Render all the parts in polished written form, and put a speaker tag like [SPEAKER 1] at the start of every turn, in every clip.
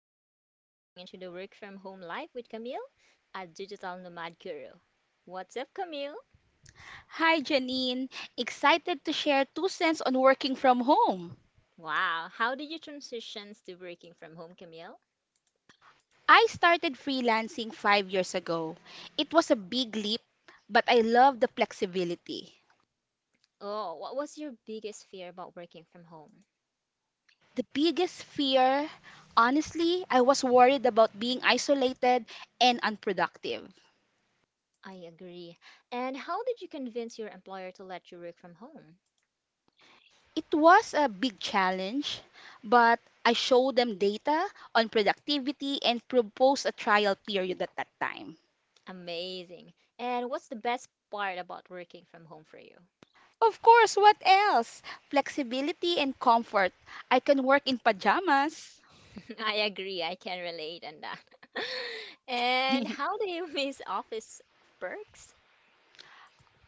[SPEAKER 1] Today we're diving into the work from home life with Camille, a digital nomad guru. What's up, Camille?
[SPEAKER 2] Hi, Janine. Excited to share two cents on working from home.
[SPEAKER 1] Wow, how did you transition to working from home, Camille?
[SPEAKER 2] I started freelancing 5 years ago. It was a big leap, but I love the flexibility.
[SPEAKER 1] Oh, what was your biggest fear about working from home?
[SPEAKER 2] The biggest fear, honestly, I was worried about being isolated and unproductive.
[SPEAKER 1] I agree. And how did you convince your employer to let you work from home?
[SPEAKER 2] It was a big challenge, but I showed them data on productivity and proposed a trial period at that time.
[SPEAKER 1] Amazing. And what's the best part about working from home for you?
[SPEAKER 2] Of course, what else? Flexibility and comfort. I can work in pajamas.
[SPEAKER 1] I agree. I can relate on that. And how do you miss office perks?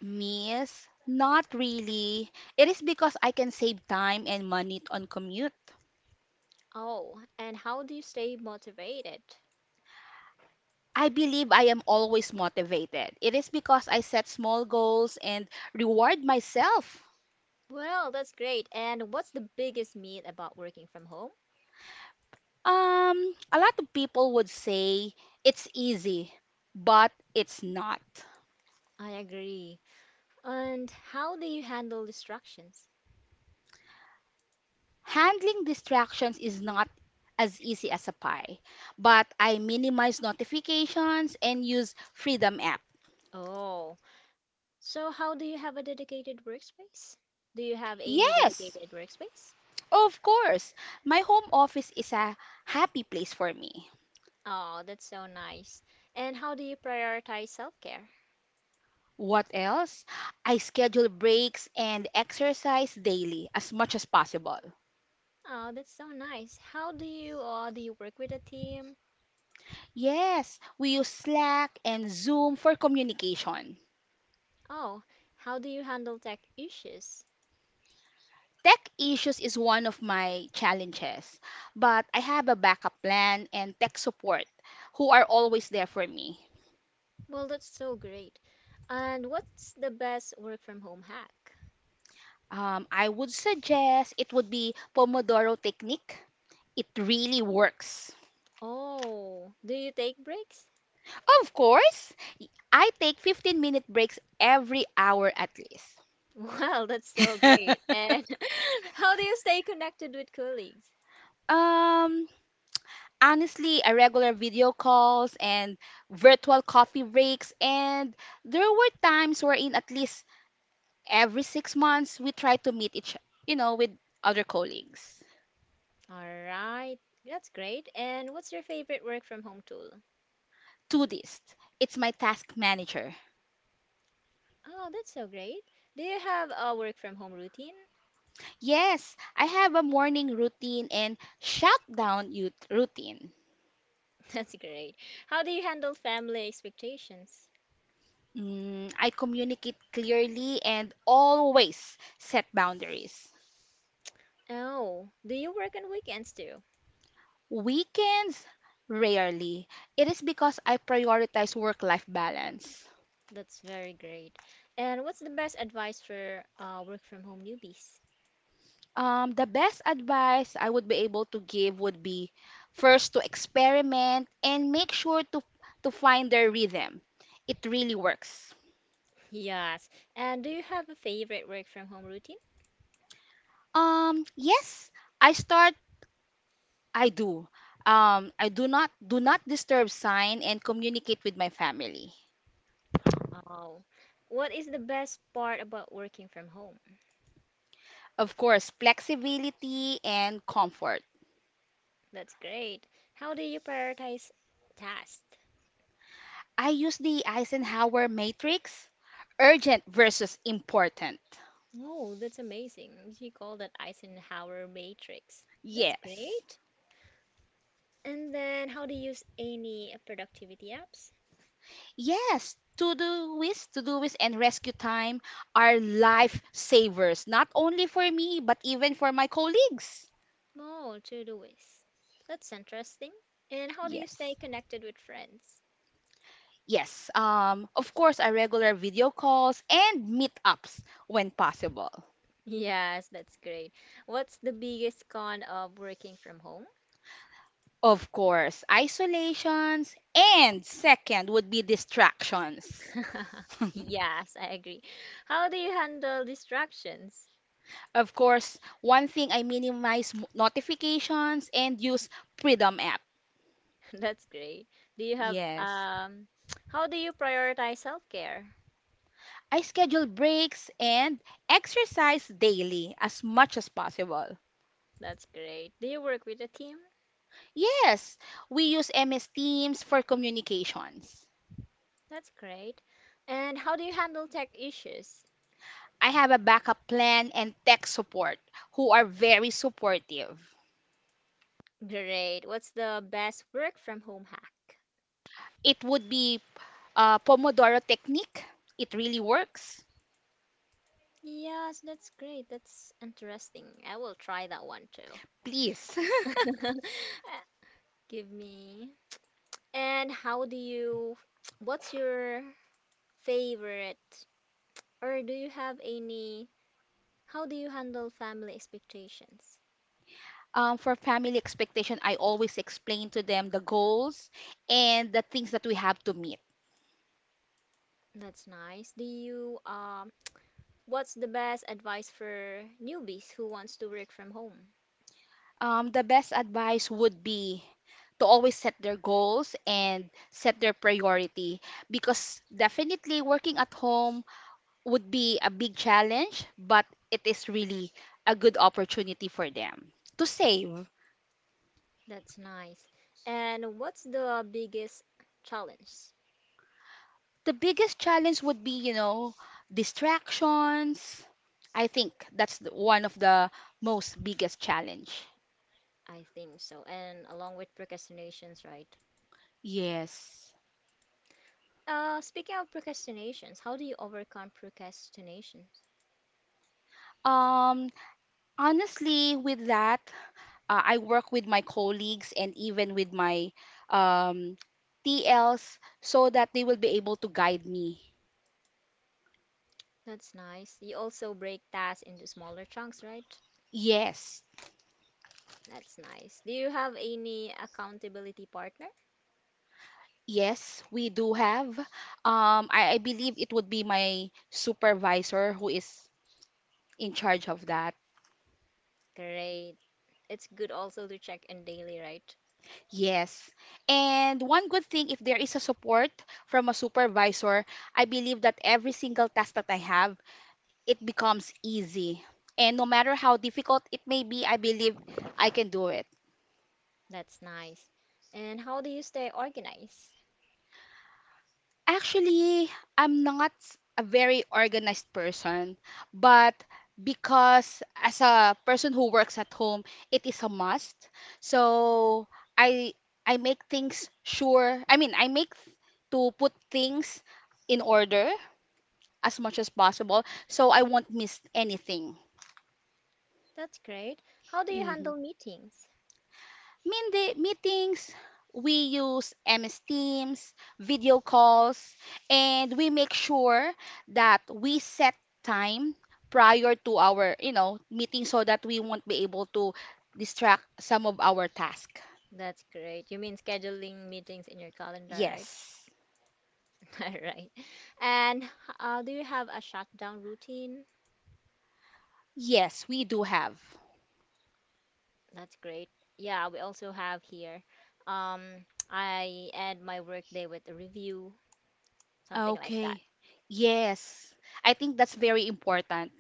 [SPEAKER 2] Miss, not really. It is because I can save time and money on commute.
[SPEAKER 1] Oh, and how do you stay motivated?
[SPEAKER 2] I believe I am always motivated. It is because I set small goals and reward myself.
[SPEAKER 1] Well, that's great. And what's the biggest myth about working from home?
[SPEAKER 2] A lot of people would say it's easy, but it's not.
[SPEAKER 1] I agree. And how do you handle distractions?
[SPEAKER 2] Handling distractions is not as easy as a pie, but I minimize notifications and use Freedom app.
[SPEAKER 1] Oh, so how do you have a dedicated workspace? Do you have any
[SPEAKER 2] Yes,
[SPEAKER 1] dedicated workspace?
[SPEAKER 2] of course. My home office is a happy place for me.
[SPEAKER 1] Oh, that's so nice. And how do you prioritize self-care?
[SPEAKER 2] What else? I schedule breaks and exercise daily as much as possible.
[SPEAKER 1] Oh, that's so nice. How do you work with a team?
[SPEAKER 2] Yes, we use Slack and Zoom for communication.
[SPEAKER 1] Oh, how do you handle tech issues?
[SPEAKER 2] Tech issues is one of my challenges, but I have a backup plan and tech support who are always there for me.
[SPEAKER 1] Well, that's so great. And what's the best work from home hack?
[SPEAKER 2] I would suggest it would be Pomodoro technique. It really works.
[SPEAKER 1] Oh, do you take breaks?
[SPEAKER 2] Of course, I take 15-minute breaks every hour at least.
[SPEAKER 1] Well, that's so great. And how do you stay connected with colleagues?
[SPEAKER 2] Um, honestly, a regular video calls and virtual coffee breaks, and there were times wherein at least every 6 months we try to meet each with other colleagues
[SPEAKER 1] All right, that's great. And what's your favorite work from home tool?
[SPEAKER 2] to this it's my task manager.
[SPEAKER 1] Oh, that's so great. Do you have a work from home routine?
[SPEAKER 2] Yes, I have a morning routine and shutdown youth routine.
[SPEAKER 1] That's great. How do you handle family expectations?
[SPEAKER 2] I communicate clearly and always set boundaries.
[SPEAKER 1] Oh, do you work on weekends too?
[SPEAKER 2] Weekends, rarely, it is because I prioritize work life balance.
[SPEAKER 1] That's very great. And what's the best advice for work from home newbies?
[SPEAKER 2] The best advice I would be able to give would be first to experiment and make sure to find their rhythm. It really works.
[SPEAKER 1] Yes. And do you have a favorite work from home routine?
[SPEAKER 2] Yes, I start, I do. I do not disturb sign and communicate with my family.
[SPEAKER 1] Oh, what is the best part about working from home?
[SPEAKER 2] Of course, flexibility and comfort.
[SPEAKER 1] That's great. How do you prioritize tasks?
[SPEAKER 2] I use the Eisenhower matrix, urgent versus important.
[SPEAKER 1] Oh, that's amazing. You call that Eisenhower matrix. That's
[SPEAKER 2] Yes.
[SPEAKER 1] great. And then how do you use any productivity apps?
[SPEAKER 2] Yes, to-do list and rescue time are life savers, not only for me, but even for my colleagues.
[SPEAKER 1] Oh, to-doist. That's interesting. And how do you stay
[SPEAKER 2] Yes.
[SPEAKER 1] connected with friends?
[SPEAKER 2] Yes, of course, our regular video calls and meetups when possible.
[SPEAKER 1] Yes, that's great. What's the biggest con of working from home?
[SPEAKER 2] Of course, isolations and second would be distractions.
[SPEAKER 1] Yes, I agree. How do you handle distractions?
[SPEAKER 2] Of course, one thing I minimize notifications and use Freedom app.
[SPEAKER 1] That's great. Do you have
[SPEAKER 2] Yes.
[SPEAKER 1] how do you prioritize self-care?
[SPEAKER 2] I schedule breaks and exercise daily as much as possible.
[SPEAKER 1] That's great. Do you work with a team?
[SPEAKER 2] Yes, we use MS Teams for communications.
[SPEAKER 1] That's great. And how do you handle tech issues?
[SPEAKER 2] I have a backup plan and tech support who are very supportive.
[SPEAKER 1] Great. What's the best work from home hack?
[SPEAKER 2] It would be a Pomodoro technique. It really works.
[SPEAKER 1] Yes, that's great. That's interesting. I will try that one too.
[SPEAKER 2] Please.
[SPEAKER 1] Uh, Give me. And how do you, what's your favorite, or do you have any, how do you handle family expectations?
[SPEAKER 2] For family expectation, I always explain to them the goals and the things that we have to meet.
[SPEAKER 1] That's nice. Do you, what's the best advice for newbies who wants to work from home?
[SPEAKER 2] The best advice would be to always set their goals and set their priority, because definitely working at home would be a big challenge, but it is really a good opportunity for them to save.
[SPEAKER 1] That's nice. And what's the biggest challenge?
[SPEAKER 2] The biggest challenge would be, you know, distractions. I think one of the most biggest challenge.
[SPEAKER 1] I think so. And along with procrastinations, right?
[SPEAKER 2] Yes.
[SPEAKER 1] Speaking of procrastinations, how do you overcome procrastinations?
[SPEAKER 2] Um, honestly, with that, I work with my colleagues and even with my um, TLs so that they will be able to guide me.
[SPEAKER 1] That's nice. You also break tasks into smaller chunks, right?
[SPEAKER 2] Yes,
[SPEAKER 1] That's nice. Do you have any accountability partner?
[SPEAKER 2] yes, we do have. I believe it would be my supervisor who is in charge of that.
[SPEAKER 1] Great. It's good also to check in daily, right?
[SPEAKER 2] Yes. And one good thing, if there is a support from a supervisor, I believe that every single task that I have, it becomes easy. And no matter how difficult it may be, I believe I can do it.
[SPEAKER 1] That's nice. And how do you stay organized?
[SPEAKER 2] Actually, I'm not a very organized person, but because as a person who works at home, it is a must. So I I make things sure. I mean, to put things in order as much as possible, so I won't miss anything.
[SPEAKER 1] That's great. How do you
[SPEAKER 2] Mm-hmm.
[SPEAKER 1] handle meetings?
[SPEAKER 2] Meetings, we use MS Teams, video calls, and we make sure that we set time prior to our meeting so that we won't be able to distract some of our task.
[SPEAKER 1] That's great. You mean scheduling meetings in your calendar, right?
[SPEAKER 2] Yes.
[SPEAKER 1] All right. And do you have a shutdown routine?
[SPEAKER 2] Yes, we do have.
[SPEAKER 1] That's great. Yeah, we also have here. Um, I end my workday with a review, something like that.
[SPEAKER 2] Okay. Yes. I think that's very important.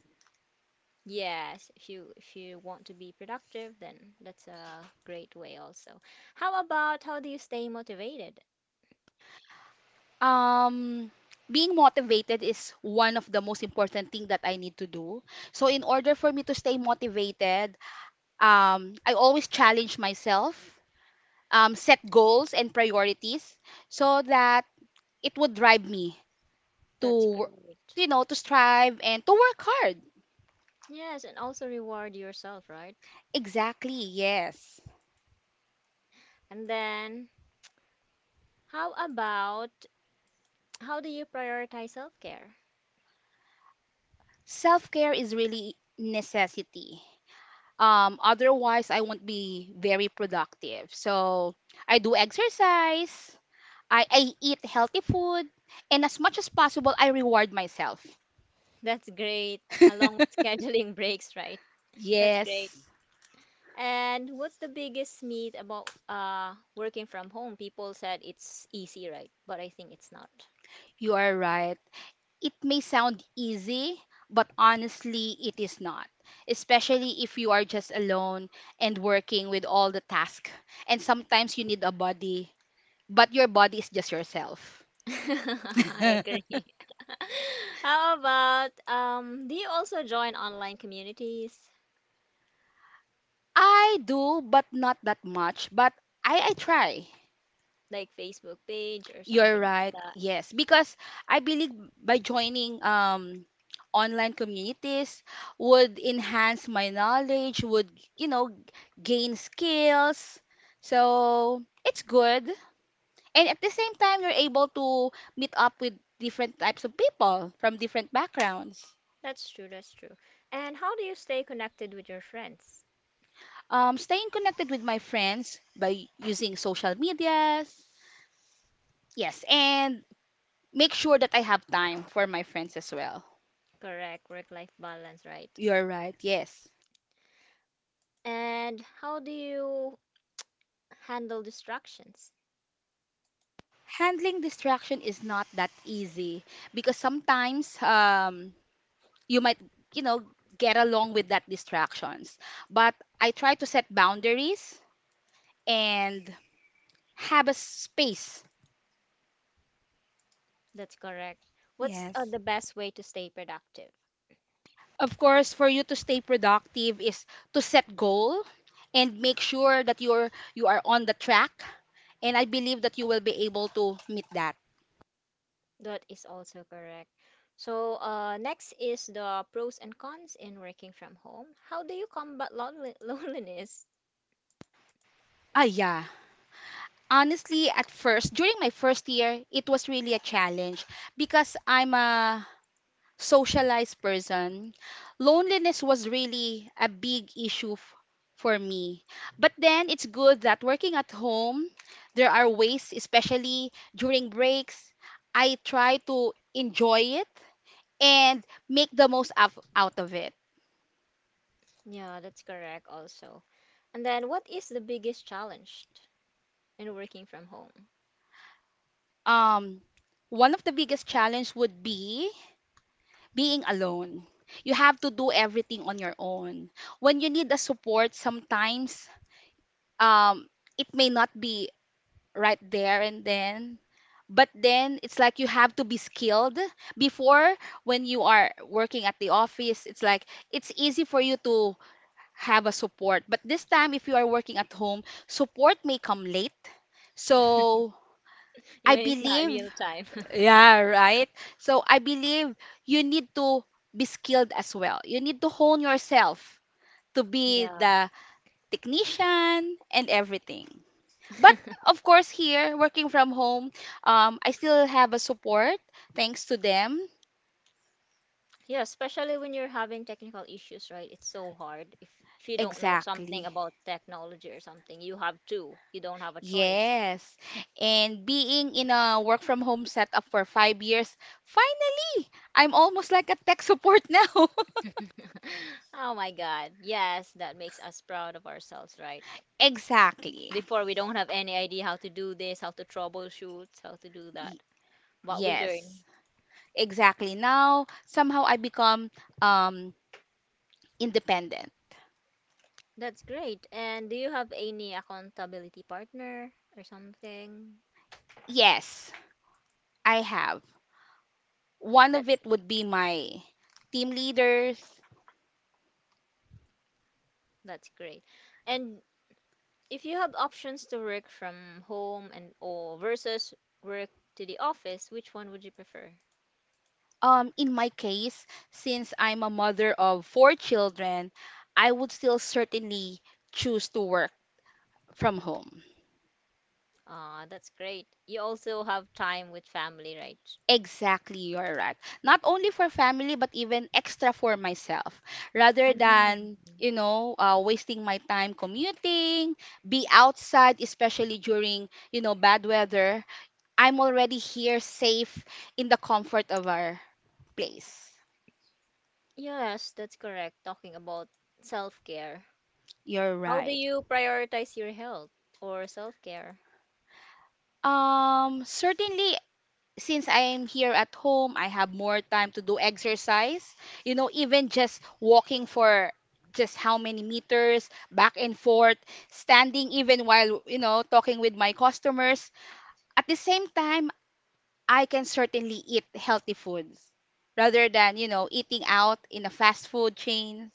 [SPEAKER 1] Yes, if you want to be productive, then that's a great way also. How about how do you stay motivated?
[SPEAKER 2] Um, being motivated is one of the most important thing that I need to do. So in order for me to stay motivated, I always challenge myself, set goals and priorities so that it would drive me
[SPEAKER 1] That's
[SPEAKER 2] to,
[SPEAKER 1] great.
[SPEAKER 2] you know, to strive and to work hard.
[SPEAKER 1] Yes, and also reward yourself, right?
[SPEAKER 2] Exactly, yes.
[SPEAKER 1] And then how about how do you prioritize self-care?
[SPEAKER 2] Self care is really necessity. Otherwise, I won't be very productive. So I do exercise, I eat healthy food, and as much as possible, I reward myself.
[SPEAKER 1] That's great, along with scheduling breaks, right? That's great.
[SPEAKER 2] Yes,
[SPEAKER 1] And what's the biggest myth about working from home? People said it's easy, right? But I think it's not.
[SPEAKER 2] you are right. It may sound easy, but honestly, it is not, especially if you are just alone and working with all the tasks. And sometimes you need a body, but your body is just yourself.
[SPEAKER 1] I agree. How about do you also join online communities
[SPEAKER 2] I do, but not that much. But I try.
[SPEAKER 1] like Facebook page or
[SPEAKER 2] You're
[SPEAKER 1] something like
[SPEAKER 2] right.
[SPEAKER 1] that?
[SPEAKER 2] Yes, because I believe by joining online communities would enhance my knowledge, would, you know, gain skills. So, it's good. And at the same time, you're able to meet up with different types of people from different backgrounds.
[SPEAKER 1] That's true, that's true. And how do you stay connected with your friends?
[SPEAKER 2] Staying connected with my friends by using social medias. Yes, and make sure that I have time for my friends as well.
[SPEAKER 1] Correct, work-life balance, right?
[SPEAKER 2] You're right. Yes.
[SPEAKER 1] And how do you handle distractions?
[SPEAKER 2] Handling distraction is not that easy because sometimes you might, you know, get along with that distractions, but I try to set boundaries and have a space.
[SPEAKER 1] That's correct. What's
[SPEAKER 2] Yes.
[SPEAKER 1] the best way to stay productive?
[SPEAKER 2] Of course, for you to stay productive is to set goal and make sure that you are on the track, and I believe that you will be able to meet that.
[SPEAKER 1] That is also correct. So, next is the pros and cons in working from home. How do you combat lonely loneliness?
[SPEAKER 2] Yeah. Honestly, at first, during my first year, it was really a challenge because I'm a socialized person. Loneliness was really a big issue for me. But then it's good that working at home, there are ways, especially during breaks, I try to enjoy it and make the most of, out of it.
[SPEAKER 1] Yeah, that's correct also. And then, what is the biggest challenge in working from home?
[SPEAKER 2] Um, one of the biggest challenge would be being alone. You have to do everything on your own. When you need a support, sometimes um, it may not be right there and then, but then it's like you have to be skilled. Before, when you are working at the office, it's like it's easy for you to have a support. But this time, if you are working at home, support may come late. So
[SPEAKER 1] You
[SPEAKER 2] I
[SPEAKER 1] mean it's not real
[SPEAKER 2] believe,
[SPEAKER 1] time.
[SPEAKER 2] yeah, right. So I believe you need to be skilled as well. You need to hone yourself to be
[SPEAKER 1] Yeah.
[SPEAKER 2] the technician and everything. But of course, here working from home, I still have a support, thanks to them.
[SPEAKER 1] Yeah, especially when you're having technical issues, right? It's so hard. If you don't know something
[SPEAKER 2] Exactly.
[SPEAKER 1] about technology or something, you have to. You don't have a choice.
[SPEAKER 2] Yes. And being in a work from home setup for 5 years, finally, I'm almost like a tech support now.
[SPEAKER 1] Oh my God. Yes, that makes us proud of ourselves, right?
[SPEAKER 2] Exactly.
[SPEAKER 1] Before, we don't have any idea how to do this, how to troubleshoot, how to do
[SPEAKER 2] Y-
[SPEAKER 1] that. What we learn.
[SPEAKER 2] yes. Exactly. Now, somehow I become um, independent.
[SPEAKER 1] That's great. And do you have any accountability partner or something?
[SPEAKER 2] Yes, I have. One of
[SPEAKER 1] That's
[SPEAKER 2] it would be
[SPEAKER 1] ex-
[SPEAKER 2] my team leaders.
[SPEAKER 1] that's great. And if you have options to work from home and or versus work to the office, which one would you prefer?
[SPEAKER 2] In my case, since I'm a mother of four children, I would still certainly choose to work from home.
[SPEAKER 1] Ah, that's great. You also have time with family, right?
[SPEAKER 2] Exactly, you're right. Not only for family, but even extra for myself. Rather than,
[SPEAKER 1] Um,
[SPEAKER 2] you know, wasting my time commuting, be outside, especially during, you know, bad weather, I'm already here safe in the comfort of our place.
[SPEAKER 1] Yes, that's correct. Talking about self-care.
[SPEAKER 2] You're
[SPEAKER 1] How do
[SPEAKER 2] right.
[SPEAKER 1] you prioritize your health or self-care?
[SPEAKER 2] Certainly since I'm here at home, I have more time to do exercise. You know, even just walking for just how many meters back and forth, standing even while, you know, talking with my customers. At the same time, I can certainly eat healthy foods rather than, you know, eating out in a fast food chain.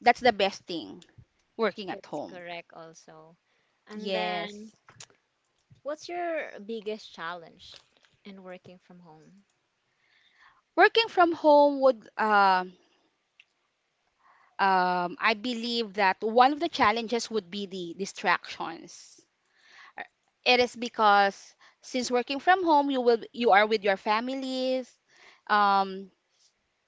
[SPEAKER 2] That's the best thing, working at
[SPEAKER 1] That's
[SPEAKER 2] home.
[SPEAKER 1] correct also. And then,
[SPEAKER 2] Yes.
[SPEAKER 1] what's your biggest challenge in working from home?
[SPEAKER 2] Working from home would. I believe that one of the challenges would be the distractions. It is because since working from home, you are with your families. Um,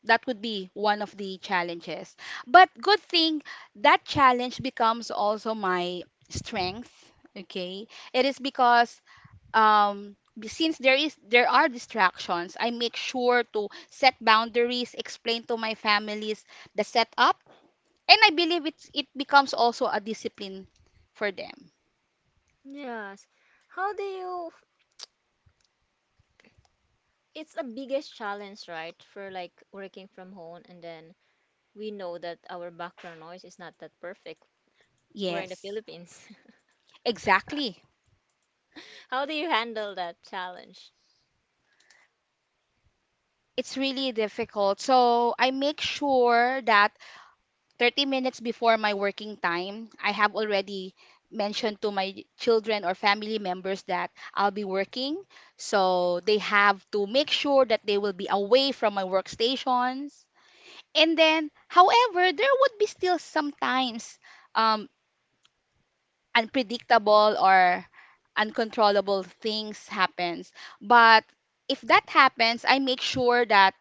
[SPEAKER 2] that would be one of the challenges. But good thing that challenge becomes also my strength. Okay, it is because since there are distractions, I make sure to set boundaries, explain to my families the setup, and I believe it becomes also a discipline for them.
[SPEAKER 1] Yes. How do you, it's a biggest challenge, right? For like working from home, and then we know that our background noise is not that perfect. We're in the
[SPEAKER 2] Yes.
[SPEAKER 1] Philippines.
[SPEAKER 2] Exactly.
[SPEAKER 1] How do you handle that challenge?
[SPEAKER 2] It's really difficult. So I make sure that 30 minutes before my working time, I have already mentioned to my children or family members that I'll be working. So they have to make sure that they will be away from my workstations. And then, however, there would be still sometimes um, unpredictable or uncontrollable things happens. But if that happens, I make sure that,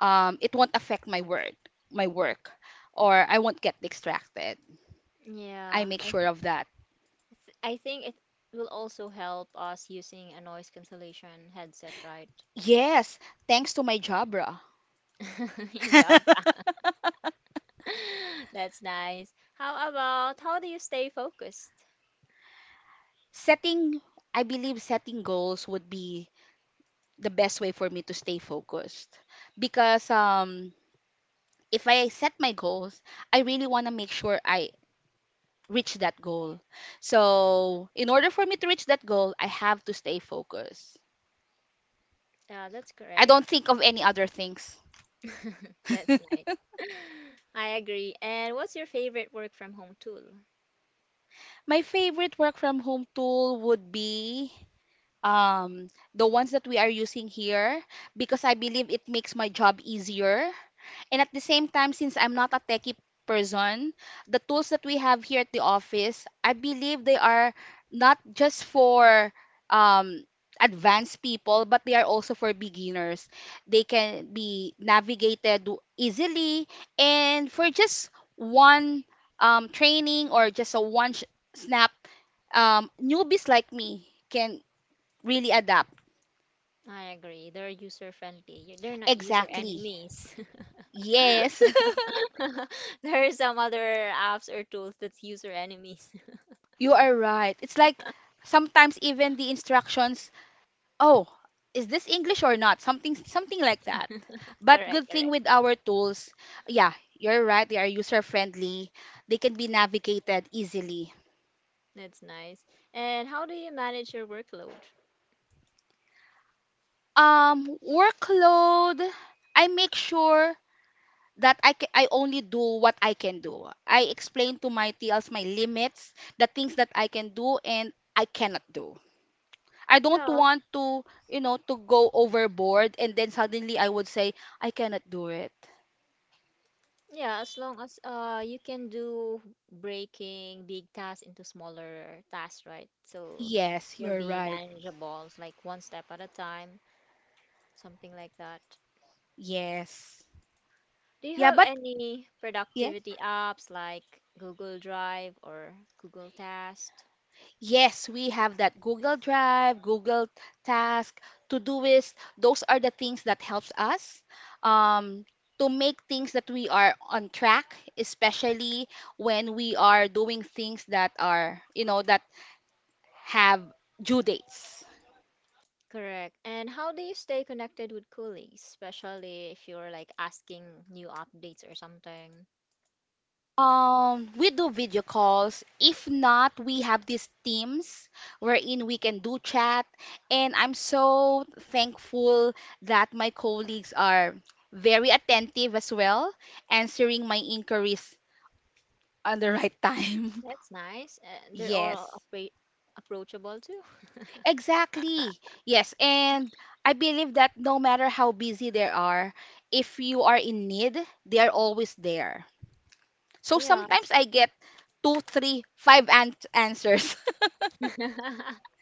[SPEAKER 2] it won't affect my work, or I won't get distracted. I
[SPEAKER 1] Yeah,
[SPEAKER 2] make
[SPEAKER 1] I
[SPEAKER 2] sure of that.
[SPEAKER 1] It's, I think it will also help us using a noise cancellation headset, right?
[SPEAKER 2] Yes, thanks to my Jabra.
[SPEAKER 1] Good job. That's nice. How about how do you stay focused?
[SPEAKER 2] Setting, I believe setting goals would be the best way for me to stay focused, because if I set my goals, I really want to make sure I reach that goal. So, in order for me to reach that goal, I have to stay focused.
[SPEAKER 1] Yeah, that's
[SPEAKER 2] I don't
[SPEAKER 1] correct.
[SPEAKER 2] think of any other things.
[SPEAKER 1] That's nice. I agree. And what's your favorite work from home tool?
[SPEAKER 2] My favorite work from home tool would be um, the ones that we are using here because I believe it makes my job easier. And at the same time, since I'm not a techie person, the tools that we have here at the office, I believe they are not just for um, advanced people, but they are also for beginners. They can be navigated easily. And for just one training or just a snap, newbies like me can really adapt.
[SPEAKER 1] I agree. They're user friendly. You- They're not user
[SPEAKER 2] Exactly.
[SPEAKER 1] enemies.
[SPEAKER 2] Yes.
[SPEAKER 1] There are some other apps or tools that's user enemies.
[SPEAKER 2] You are right. It's like sometimes even the instructions, oh, is this English or not? Something something like that. But
[SPEAKER 1] Correct,
[SPEAKER 2] good thing
[SPEAKER 1] correct.
[SPEAKER 2] with our tools, yeah, you're right. They are user friendly. They can be navigated easily.
[SPEAKER 1] That's nice. And how do you manage your workload?
[SPEAKER 2] Workload, I make sure that I only do what I can do. I explain to my TLs my limits, the things that I can do and I cannot do. I don't
[SPEAKER 1] Yeah,
[SPEAKER 2] want to, you know, to go overboard and then suddenly I would say I cannot do it.
[SPEAKER 1] yeah, as long as you can do breaking big tasks into smaller tasks, right? So
[SPEAKER 2] Yes,
[SPEAKER 1] it will
[SPEAKER 2] you're
[SPEAKER 1] be
[SPEAKER 2] right.
[SPEAKER 1] manageable, it's like one step at a time, something like that.
[SPEAKER 2] Yes.
[SPEAKER 1] Do you
[SPEAKER 2] Yeah,
[SPEAKER 1] have
[SPEAKER 2] but
[SPEAKER 1] any
[SPEAKER 2] yeah.
[SPEAKER 1] productivity apps like Google Drive or Google Task?
[SPEAKER 2] Yes, we have that Google Drive, Google Task, Todoist. Those are the things that helps us um, to make things that we are on track, especially when we are doing things that are, you know, that have due dates.
[SPEAKER 1] Correct. And how do you stay connected with colleagues, especially if you're like asking new updates or something?
[SPEAKER 2] We do video calls. If not, we have these teams wherein we can do chat. And I'm so thankful that my colleagues are very attentive as well, answering my inquiries on the right time.
[SPEAKER 1] That's nice. They're all
[SPEAKER 2] Yes,
[SPEAKER 1] appre approachable too.
[SPEAKER 2] exactly. Yes, and I believe that no matter how busy they are, if you are in need, they are always there. So
[SPEAKER 1] Yeah.
[SPEAKER 2] sometimes I get two, three, five answers.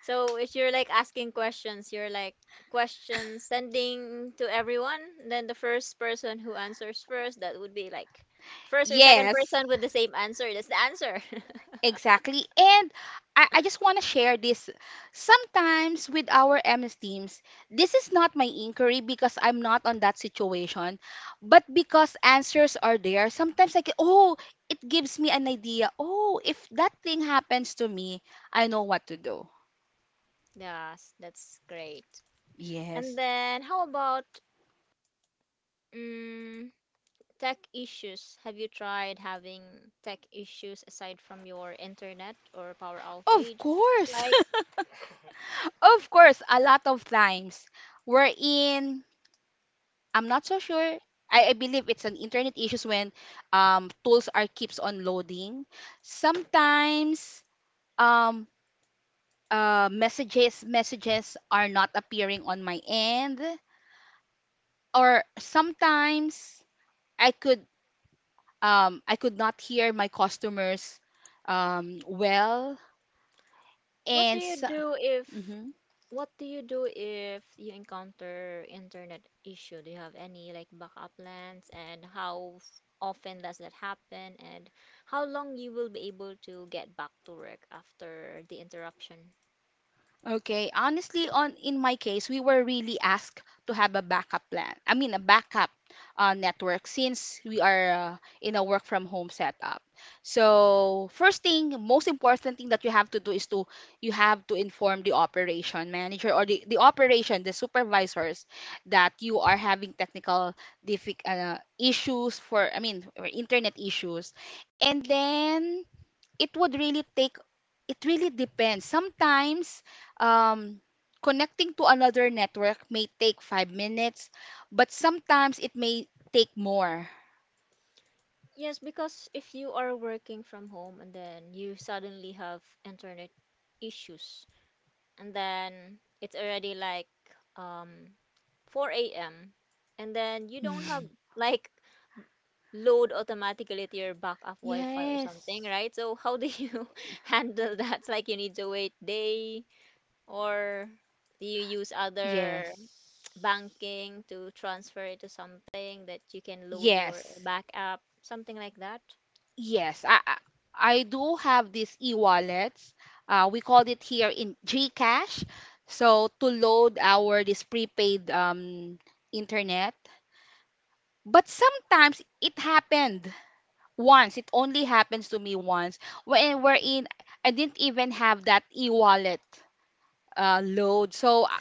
[SPEAKER 1] So if you're like asking questions, you're like questions sending to everyone, then the first person who answers first, that would be like first or second
[SPEAKER 2] Yes,
[SPEAKER 1] person with the same answer. That's the answer.
[SPEAKER 2] exactly. And I just want to share this. Sometimes with our MS teams, this is not my inquiry because I'm not on that situation, but because answers are there, sometimes I can, oh, it gives me an idea. Oh, if that thing happens to me, I know what to do.
[SPEAKER 1] Yes, that's great. And
[SPEAKER 2] Yes,
[SPEAKER 1] then how about mm tech issues? Have you tried having tech issues aside from your internet or power
[SPEAKER 2] of
[SPEAKER 1] outage? It's
[SPEAKER 2] course.
[SPEAKER 1] Like,
[SPEAKER 2] Of course, a lot of times we're in I'm not so sure. I believe it's an internet issues when tools are keeps on loading. Sometimes um, messages are not appearing on my end, or sometimes I could I could not hear my customers well,
[SPEAKER 1] what do
[SPEAKER 2] and
[SPEAKER 1] you
[SPEAKER 2] so,
[SPEAKER 1] do if what do you do if you encounter internet issue? Do you have any like backup plans and how often does that happen and how long you will be able to get back to work after the interruption?
[SPEAKER 2] okay, honestly, on in my case, we were really asked to have a backup plan. I mean, a backup network since we are in a work from home setup. So, first thing, most important thing that you have to do is to you have to inform the operation manager or the operation, the supervisors that you are having technical issues for, I mean, or internet issues. And then it would really take it really depends sometimes um connecting to another network may take 5 minutes but sometimes it may take more.
[SPEAKER 1] Yes, because if you are working from home and then you suddenly have internet issues and then it's already like um 4 a.m. and then you don't have like load automatically to your backup Wi-Fi or something,
[SPEAKER 2] Yes,
[SPEAKER 1] right? So how do you handle that? It's like you need to wait day or do you use
[SPEAKER 2] yes.
[SPEAKER 1] other banking to transfer it to something that you can load your
[SPEAKER 2] Yes,
[SPEAKER 1] backup, something like that?
[SPEAKER 2] yes. I do have these e-wallets. We called it here in GCash. So to load our this prepaid internet. But sometimes it happened once. It only happens to me once. When we're in, I didn't even have that e-wallet load. So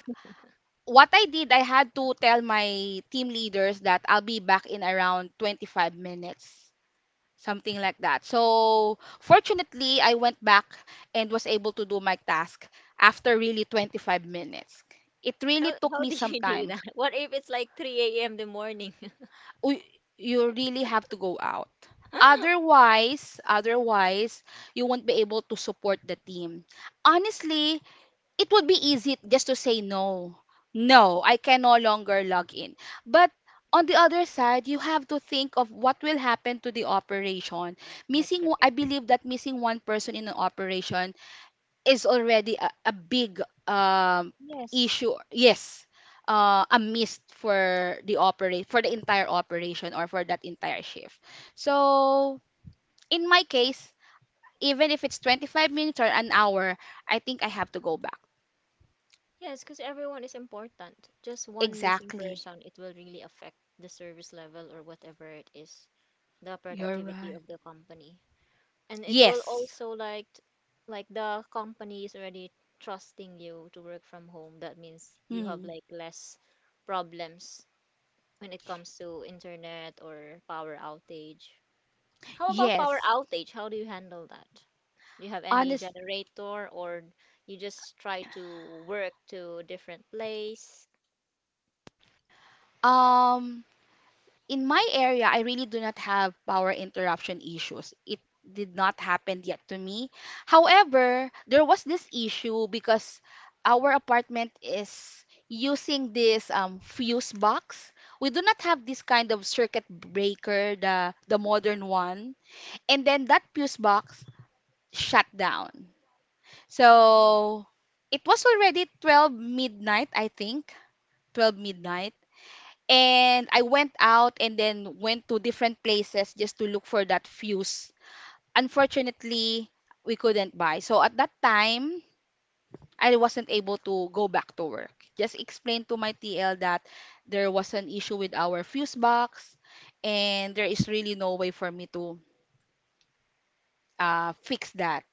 [SPEAKER 2] what I did, I had to tell my team leaders that I'll be back in around 25 minutes, something like that. So fortunately, I went back and was able to do my task after really 25 minutes. It really took
[SPEAKER 1] How
[SPEAKER 2] me
[SPEAKER 1] do
[SPEAKER 2] some
[SPEAKER 1] you do
[SPEAKER 2] time.
[SPEAKER 1] that? What if it's like 3 a.m. the morning?
[SPEAKER 2] u- you really have to go out. Otherwise, you won't be able to support the team. Honestly, it would be easy just to say no. No, I can no longer log in. But on the other side, you have to think of what will happen to the operation.
[SPEAKER 1] That's
[SPEAKER 2] Missing,
[SPEAKER 1] correct.
[SPEAKER 2] I believe that missing one person in an operation is already a big um,
[SPEAKER 1] Yes.
[SPEAKER 2] issue. Yes, a miss for the entire operation or for that entire shift. So in my case, even if it's 25 minutes or an hour, I think I have to go back.
[SPEAKER 1] Yes, because everyone is important. Just one missing
[SPEAKER 2] Exactly.
[SPEAKER 1] person, it will really affect the service level or whatever it is, the
[SPEAKER 2] You're
[SPEAKER 1] productivity
[SPEAKER 2] right.
[SPEAKER 1] of the company. And it will
[SPEAKER 2] Yes.
[SPEAKER 1] also like like the company is already trusting you to work from home. That means you have
[SPEAKER 2] Hmm.
[SPEAKER 1] like less problems when it comes to internet or power outage. How about power
[SPEAKER 2] Yes.
[SPEAKER 1] outage, how do you handle that? Do you have any
[SPEAKER 2] Honest.
[SPEAKER 1] generator or you just try to work to a different place?
[SPEAKER 2] Um. In my area, I really do not have power interruption issues. It did not happen yet to me. However, there was this issue because our apartment is using this fuse box. We do not have this kind of circuit breaker, the modern one. And then that fuse box shut down. So it was already 12 midnight, I think. 12 midnight and I went out and then went to different places just to look for that fuse. Unfortunately, we couldn't buy. So at that time, I wasn't able to go back to work. Just explained to my TL that there was an issue with our fuse box and there is really no way for me to fix that.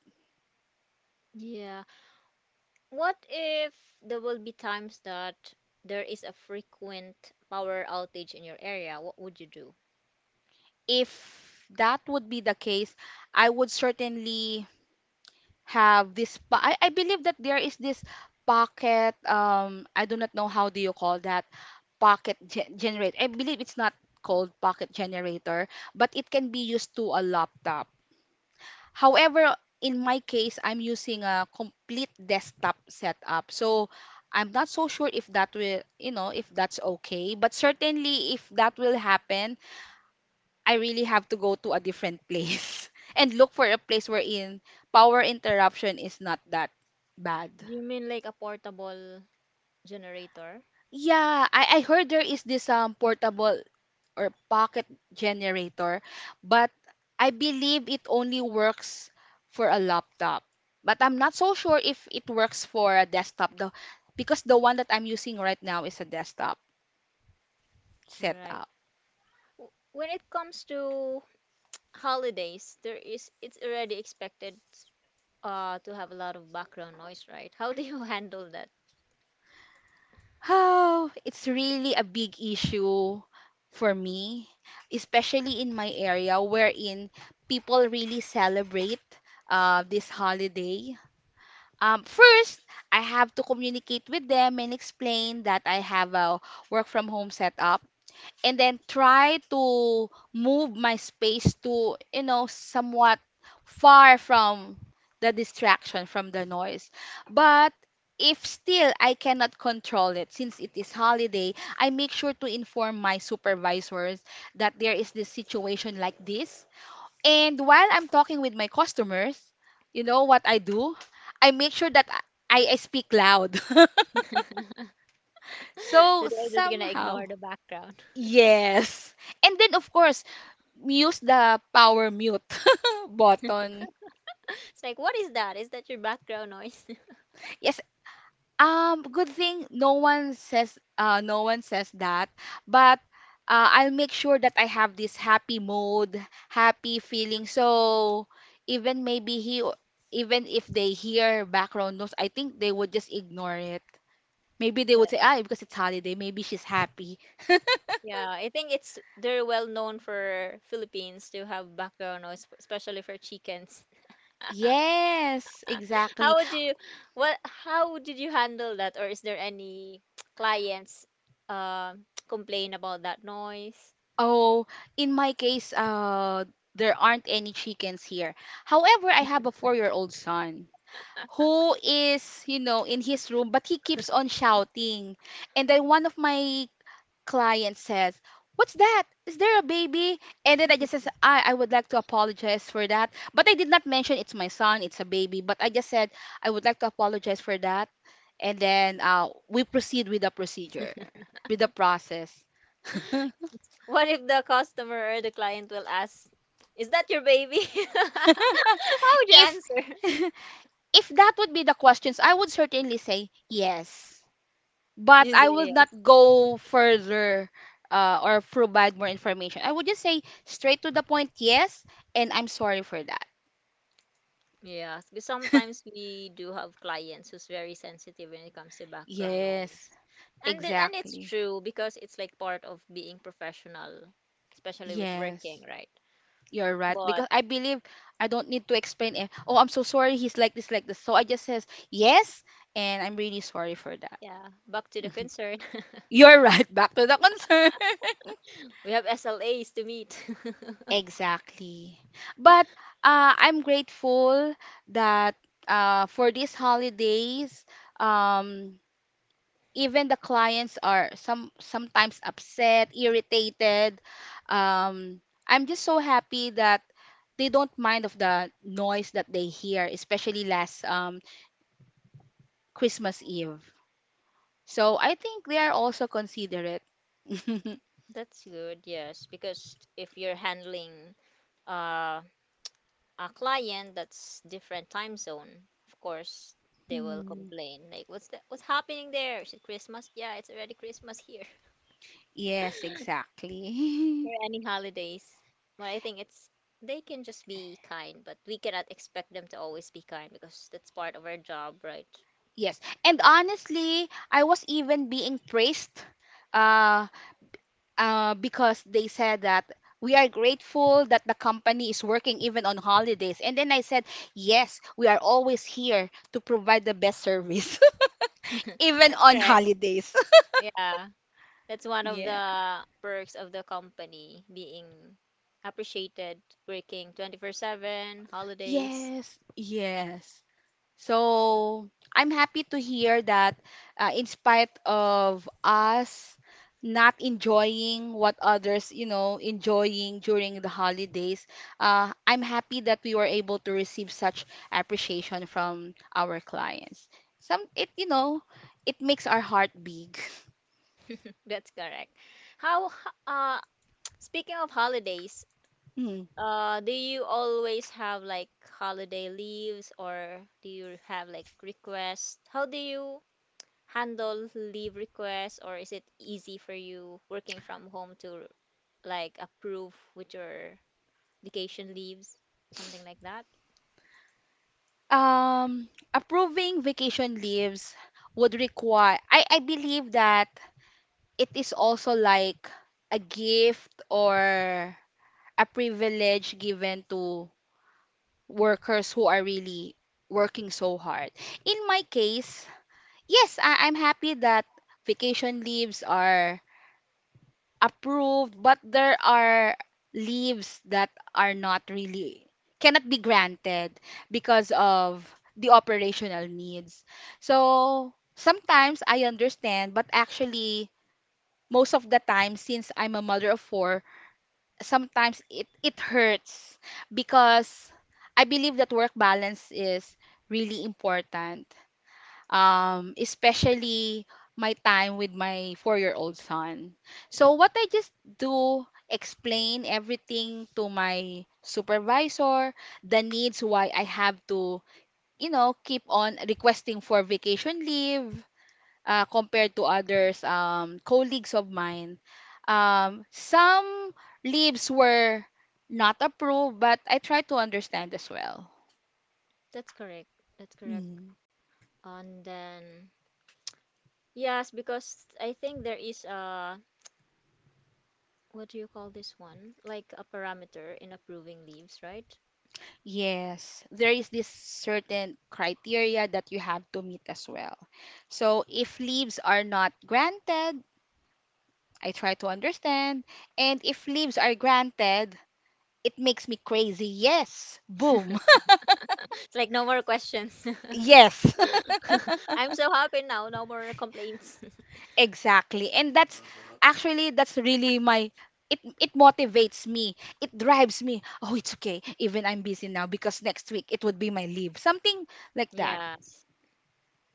[SPEAKER 1] Yeah. What if there will be times that there is a frequent power outage in your area? What would you do?
[SPEAKER 2] If that would be the case, I would certainly have this I believe that there is this pocket I do not know how do you call that generator. I believe it's not called pocket generator, but it can be used to a laptop. However, in my case, I'm using a complete desktop setup. So I'm not so sure if that will, you know, if that's okay. But certainly, if that will happen, I really have to go to a different place and look for a place wherein power interruption is not that bad.
[SPEAKER 1] You mean like a portable generator?
[SPEAKER 2] Yeah, I heard there is this portable or pocket generator, but I believe it only works for a laptop. But I'm not so sure if it works for a desktop though, because the one that I'm using right now is a desktop
[SPEAKER 1] Right.
[SPEAKER 2] setup.
[SPEAKER 1] When it comes to holidays, there is, it's already expected to have a lot of background noise, right? How do you handle that?
[SPEAKER 2] Oh, it's really a big issue for me, especially in my area wherein people really celebrate this holiday. First, I have to communicate with them and explain that I have a work from home setup and then try to move my space to you know somewhat far from the distraction from the noise. But if still I cannot control it since it is holiday, I make sure to inform my supervisors that there is this situation like this. And while I'm talking with my customers, you know what I do, I make sure that I speak loud.
[SPEAKER 1] So
[SPEAKER 2] So
[SPEAKER 1] they're just gonna
[SPEAKER 2] somehow
[SPEAKER 1] ignore the background.
[SPEAKER 2] yes. And then of course, use the power mute button.
[SPEAKER 1] It's like, what is that? Is that your background noise?
[SPEAKER 2] Yes. Good thing no one says that, but I'll make sure that I have this happy mode, happy feeling. So even maybe he even if they hear background noise, I think they would just ignore it. Maybe they would say, ah, because it's holiday, maybe she's happy.
[SPEAKER 1] Yeah, I think it's they're well known for Philippines to have background noise, especially for chickens.
[SPEAKER 2] Yes,
[SPEAKER 1] How
[SPEAKER 2] exactly.
[SPEAKER 1] would you, what, how did you handle that, or is there any clients complain about that noise?
[SPEAKER 2] Oh, in my case, there aren't any chickens here. However, I have a four-year-old son who is, you know, in his room, but he keeps on shouting. And then one of my clients says, "What's that? Is there a baby?" And then I just says, I would like to apologize for that. But I did not mention it's my son, it's a baby. But I just said, I would like to apologize for that. And then we proceed with the procedure, with the process.
[SPEAKER 1] What if the customer or the client will ask, "Is that your baby?" How would you
[SPEAKER 2] If
[SPEAKER 1] answer?
[SPEAKER 2] if that would be the questions, I would certainly say yes. But
[SPEAKER 1] You
[SPEAKER 2] I
[SPEAKER 1] say
[SPEAKER 2] will not
[SPEAKER 1] yes.
[SPEAKER 2] go further or provide more information. I would just say straight to the point, yes, and I'm sorry for that.
[SPEAKER 1] Yes, because sometimes we do have clients who's very sensitive when it comes to background
[SPEAKER 2] Yes,
[SPEAKER 1] noise. And the, and it's
[SPEAKER 2] exactly.
[SPEAKER 1] true because it's like part of being professional, especially with
[SPEAKER 2] Yes,
[SPEAKER 1] working, right?
[SPEAKER 2] you're right.
[SPEAKER 1] But
[SPEAKER 2] Because I believe I don't need to explain it. Oh, I'm so sorry. He's like this, like this. So I just says yes, and I'm really sorry for that.
[SPEAKER 1] yeah, back to the concern.
[SPEAKER 2] You're right. Back to the concern.
[SPEAKER 1] We have SLAs to meet.
[SPEAKER 2] Exactly. But I'm grateful that for these holidays, um, even the clients are some sometimes upset, irritated. Um, I'm just so happy that they don't mind of the noise that they hear, especially last Christmas Eve. So I think they are also considerate.
[SPEAKER 1] That's good, yes, because if you're handling uh, a client that's different time zone, of course they will
[SPEAKER 2] Hmm.
[SPEAKER 1] complain. Like, what's that? What's happening there? Is it Christmas? Yeah, it's already Christmas here.
[SPEAKER 2] Yes, exactly.
[SPEAKER 1] Or any holidays. I think it's they can just be kind, but we cannot expect them to always be kind because that's part of our job, right?
[SPEAKER 2] Yes, and honestly, I was even being praised uh, because they said that we are grateful that the company is working even on holidays. And then I said, yes, we are always here to provide the best service, even
[SPEAKER 1] That's
[SPEAKER 2] on
[SPEAKER 1] correct.
[SPEAKER 2] holidays.
[SPEAKER 1] Yeah. That's one of
[SPEAKER 2] Yeah.
[SPEAKER 1] the perks of the company being appreciated, working 24/7, holidays.
[SPEAKER 2] Yes, yes. So I'm happy to hear that in spite of us not enjoying what others, you know, enjoying during the holidays, I'm happy that we were able to receive such appreciation from our clients. Some it, you know, it makes our heart big.
[SPEAKER 1] That's correct. How, h- uh, Speaking of holidays,
[SPEAKER 2] Mm.
[SPEAKER 1] do you always have like holiday leaves or do you have like requests? How do you handle leave requests, or is it easy for you working from home to like approve with your vacation leaves, something like that?
[SPEAKER 2] Approving vacation leaves would require, I believe that it is also like a gift or a privilege given to workers who are really working so hard. In my case, yes, I'm happy that vacation leaves are approved, but there are leaves that are not really cannot be granted because of the operational needs. So sometimes I understand, but actually most of the time, since I'm a mother of four, sometimes it hurts because I believe that work balance is really important. Especially my time with my four-year-old son. So what I just do, explain everything to my supervisor, the needs why I have to, keep on requesting for vacation leave compared to others, colleagues of mine. Some leaves were not approved, but I tried to understand as well.
[SPEAKER 1] That's correct. That's correct.
[SPEAKER 2] Mm.
[SPEAKER 1] And then yes, because I think there is a what do you call this one? Like a parameter in approving leaves, right?
[SPEAKER 2] Yes, there is this certain criteria that you have to meet as well. So if leaves are not granted, I try to understand. And if leaves are granted, it makes me crazy. Yes, boom.
[SPEAKER 1] It's like no more questions.
[SPEAKER 2] Yes.
[SPEAKER 1] I'm so happy now, no more complaints.
[SPEAKER 2] Exactly. And that's really my— it motivates me. It drives me. Oh, it's okay. Even I'm busy now because next week it would be my leave. Something like that.
[SPEAKER 1] Yes.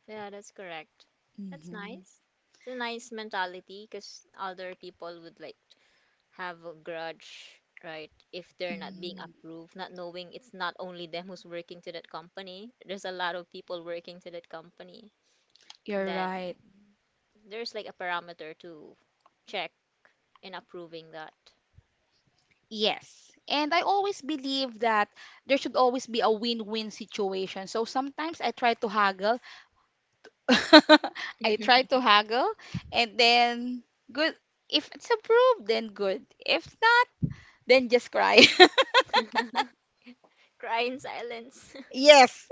[SPEAKER 1] Yeah, that's correct. That's
[SPEAKER 2] Hmm.
[SPEAKER 1] nice. It's a nice mentality because other people would like have a grudge, right? If they're not being
[SPEAKER 2] Mm.
[SPEAKER 1] approved, not knowing it's not only them who's working to that company. There's a lot of people working to that company.
[SPEAKER 2] You're
[SPEAKER 1] Then
[SPEAKER 2] right.
[SPEAKER 1] there's like a parameter to check in approving that.
[SPEAKER 2] Yes. And I always believe that there should always be a win-win situation. So sometimes I try to haggle. I try to haggle, and then good— if it's approved then good. If not, then just cry.
[SPEAKER 1] Cry in silence.
[SPEAKER 2] Yes.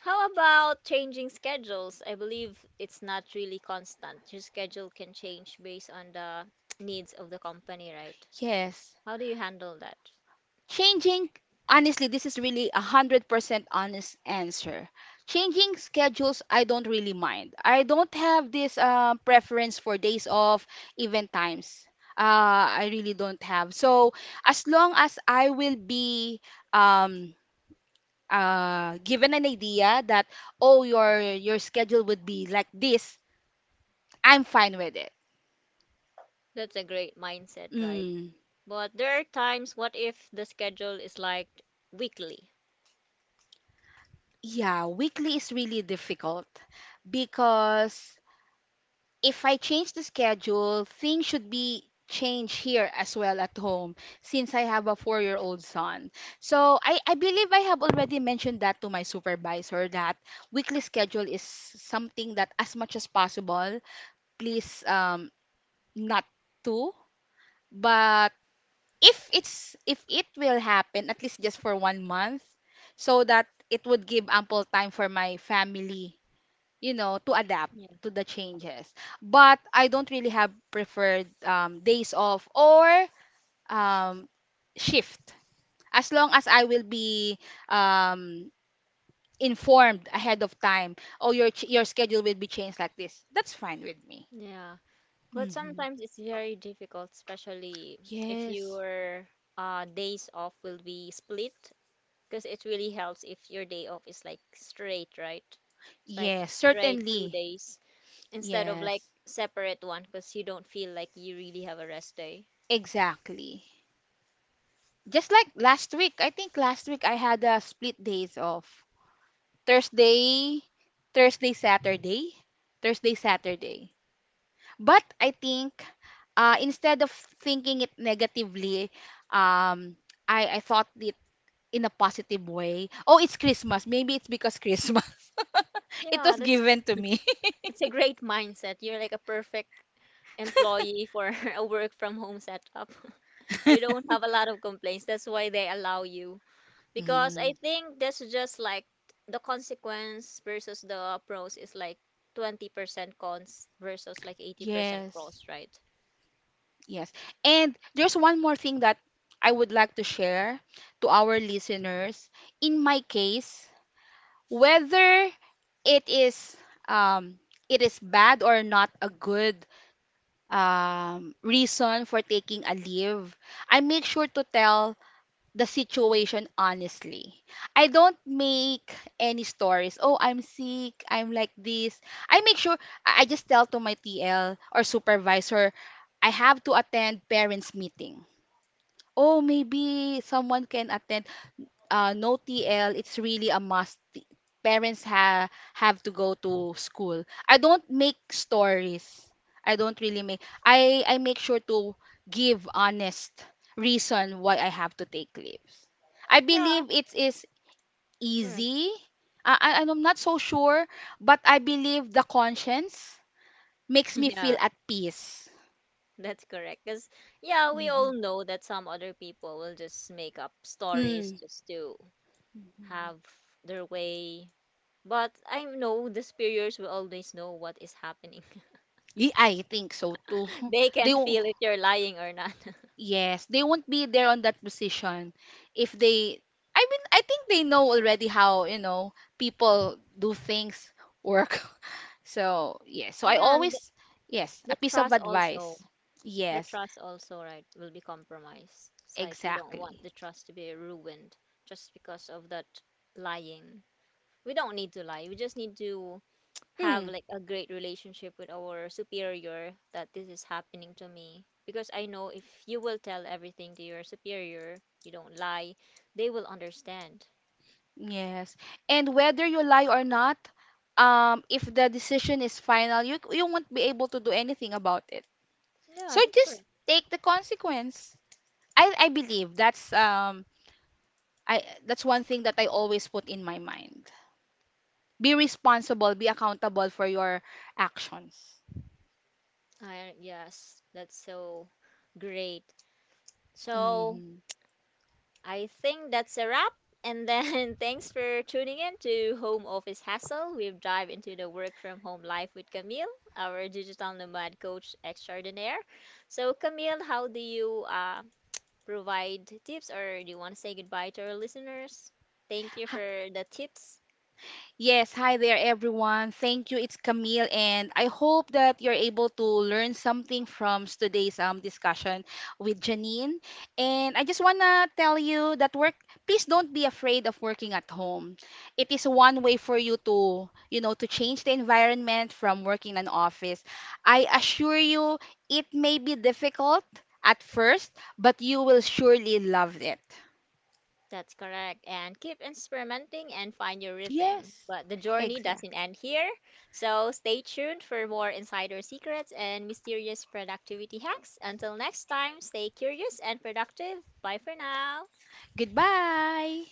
[SPEAKER 1] How about changing schedules? I believe it's not really constant. Your schedule can change based on the needs of the company, right?
[SPEAKER 2] Yes.
[SPEAKER 1] How do you handle that?
[SPEAKER 2] Changing, honestly, this is really a 100% honest answer. Changing schedules, I don't really mind. I don't have this preference for days off, event times. I really don't have. So, as long as I will be, um, given an idea that, oh, your schedule would be like this, I'm fine with it.
[SPEAKER 1] That's a great mindset, right?
[SPEAKER 2] Mm,
[SPEAKER 1] But there are times, what if the schedule is like weekly?
[SPEAKER 2] yeah, weekly is really difficult because if I change the schedule, things should be changed here as well at home, since I have a four-year-old son. So I believe I have already mentioned that to my supervisor that weekly schedule is something that, as much as possible, please, not to. But if it will happen, at least just for 1 month, so that it would give ample time for my family, you know, to adapt
[SPEAKER 1] Yeah.
[SPEAKER 2] to the changes. But I don't really have preferred days off or um, shift, as long as I will be, um, informed ahead of time, oh, your schedule will be changed like this, that's fine with me.
[SPEAKER 1] Yeah, but
[SPEAKER 2] Hmm.
[SPEAKER 1] sometimes it's very difficult, especially if
[SPEAKER 2] Yes.
[SPEAKER 1] your days off will be split, because it really helps if your day off is like straight, right? It's like
[SPEAKER 2] Yes,
[SPEAKER 1] straight two
[SPEAKER 2] certainly.
[SPEAKER 1] days. Instead of like
[SPEAKER 2] Yes,
[SPEAKER 1] separate one because you don't feel like you really have a rest day.
[SPEAKER 2] exactly. Just like last week, I think last week I had a split days off. Thursday, Thursday, Saturday, Thursday, Saturday. But I think, instead of thinking it negatively, um, I thought it in a positive way. Oh, it's Christmas. Maybe it's because Christmas. It
[SPEAKER 1] Yeah,
[SPEAKER 2] was
[SPEAKER 1] that's
[SPEAKER 2] given to me.
[SPEAKER 1] that's a great mindset. You're like a perfect employee for a work from home setup. You don't have a lot of complaints. That's why they allow you. Because I
[SPEAKER 2] Mm,
[SPEAKER 1] think that's just like the consequence versus the pros is like 20% cons versus like 80%
[SPEAKER 2] yes,
[SPEAKER 1] pros, right?
[SPEAKER 2] yes. And there's one more thing that I would like to share to our listeners. In my case, whether it is, um, it is bad or not a good reason for taking a leave, I make sure to tell the situation honestly. I don't make any stories. Oh, I'm sick, I'm like this. I make sure— I just tell to my TL or supervisor, I have to attend parents meeting. Oh, maybe someone can attend. No, TL, it's really a must. Parents ha have to go to school. I don't make stories. I don't really make. I make sure to give honest reason why I have to take leaves. I
[SPEAKER 1] Yeah,
[SPEAKER 2] believe it is
[SPEAKER 1] correct.
[SPEAKER 2] easy. I'm not so sure, but I believe the conscience makes me feel
[SPEAKER 1] Yeah.
[SPEAKER 2] at peace.
[SPEAKER 1] That's correct. Because, yeah, we all know that some other people will just make up stories
[SPEAKER 2] Mm.
[SPEAKER 1] just to have their way. But I know the superiors will always know what is happening.
[SPEAKER 2] Y- I think so too.
[SPEAKER 1] They
[SPEAKER 2] They—
[SPEAKER 1] can feel if you're lying or not.
[SPEAKER 2] yes, they won't be there on that position if they— I mean, I think they know already how, you know, people do things, work. So, yes. So I
[SPEAKER 1] And
[SPEAKER 2] always— yes, a
[SPEAKER 1] the
[SPEAKER 2] piece of
[SPEAKER 1] trust also,
[SPEAKER 2] advice.
[SPEAKER 1] the
[SPEAKER 2] Yes,
[SPEAKER 1] trust also, right, will be compromised. It's like you don't want
[SPEAKER 2] exactly.
[SPEAKER 1] the trust to be ruined just because of that lying. We don't need to lie. We just need to
[SPEAKER 2] Hmm.
[SPEAKER 1] have like a great relationship with our superior that this is happening to me because I know if you will tell everything to your superior, you don't lie, they will understand.
[SPEAKER 2] Yes. And whether you lie or not, if the decision is final, you won't be able to do anything about it.
[SPEAKER 1] Yeah,
[SPEAKER 2] So
[SPEAKER 1] that's
[SPEAKER 2] just
[SPEAKER 1] correct.
[SPEAKER 2] take the consequence. I believe that's, I that's one thing that I always put in my mind. Be responsible, be accountable for your actions.
[SPEAKER 1] I Yes, that's so great. So
[SPEAKER 2] Mhm.
[SPEAKER 1] I think that's a wrap. And then thanks for tuning in to Home Office Hassle. We've dived into the work from home life with Camille, our digital nomad coach extraordinaire. So Camille, how do you provide tips or do you want to say goodbye to our listeners? Thank you for the tips.
[SPEAKER 2] Yes, hi there everyone. Thank you. It's Camille, and I hope that you're able to learn something from today's discussion with Janine. And I just want to tell you that work— please don't be afraid of working at home. It is one way for you to, you know, to change the environment from working in an office. I assure you it may be difficult at first, but you will surely love it.
[SPEAKER 1] That's correct. And keep experimenting and find your rhythm.
[SPEAKER 2] Yes,
[SPEAKER 1] But the journey doesn't
[SPEAKER 2] exactly.
[SPEAKER 1] end here. So stay tuned for more insider secrets and mysterious productivity hacks. Until next time, stay curious and productive. Bye for now.
[SPEAKER 2] Goodbye.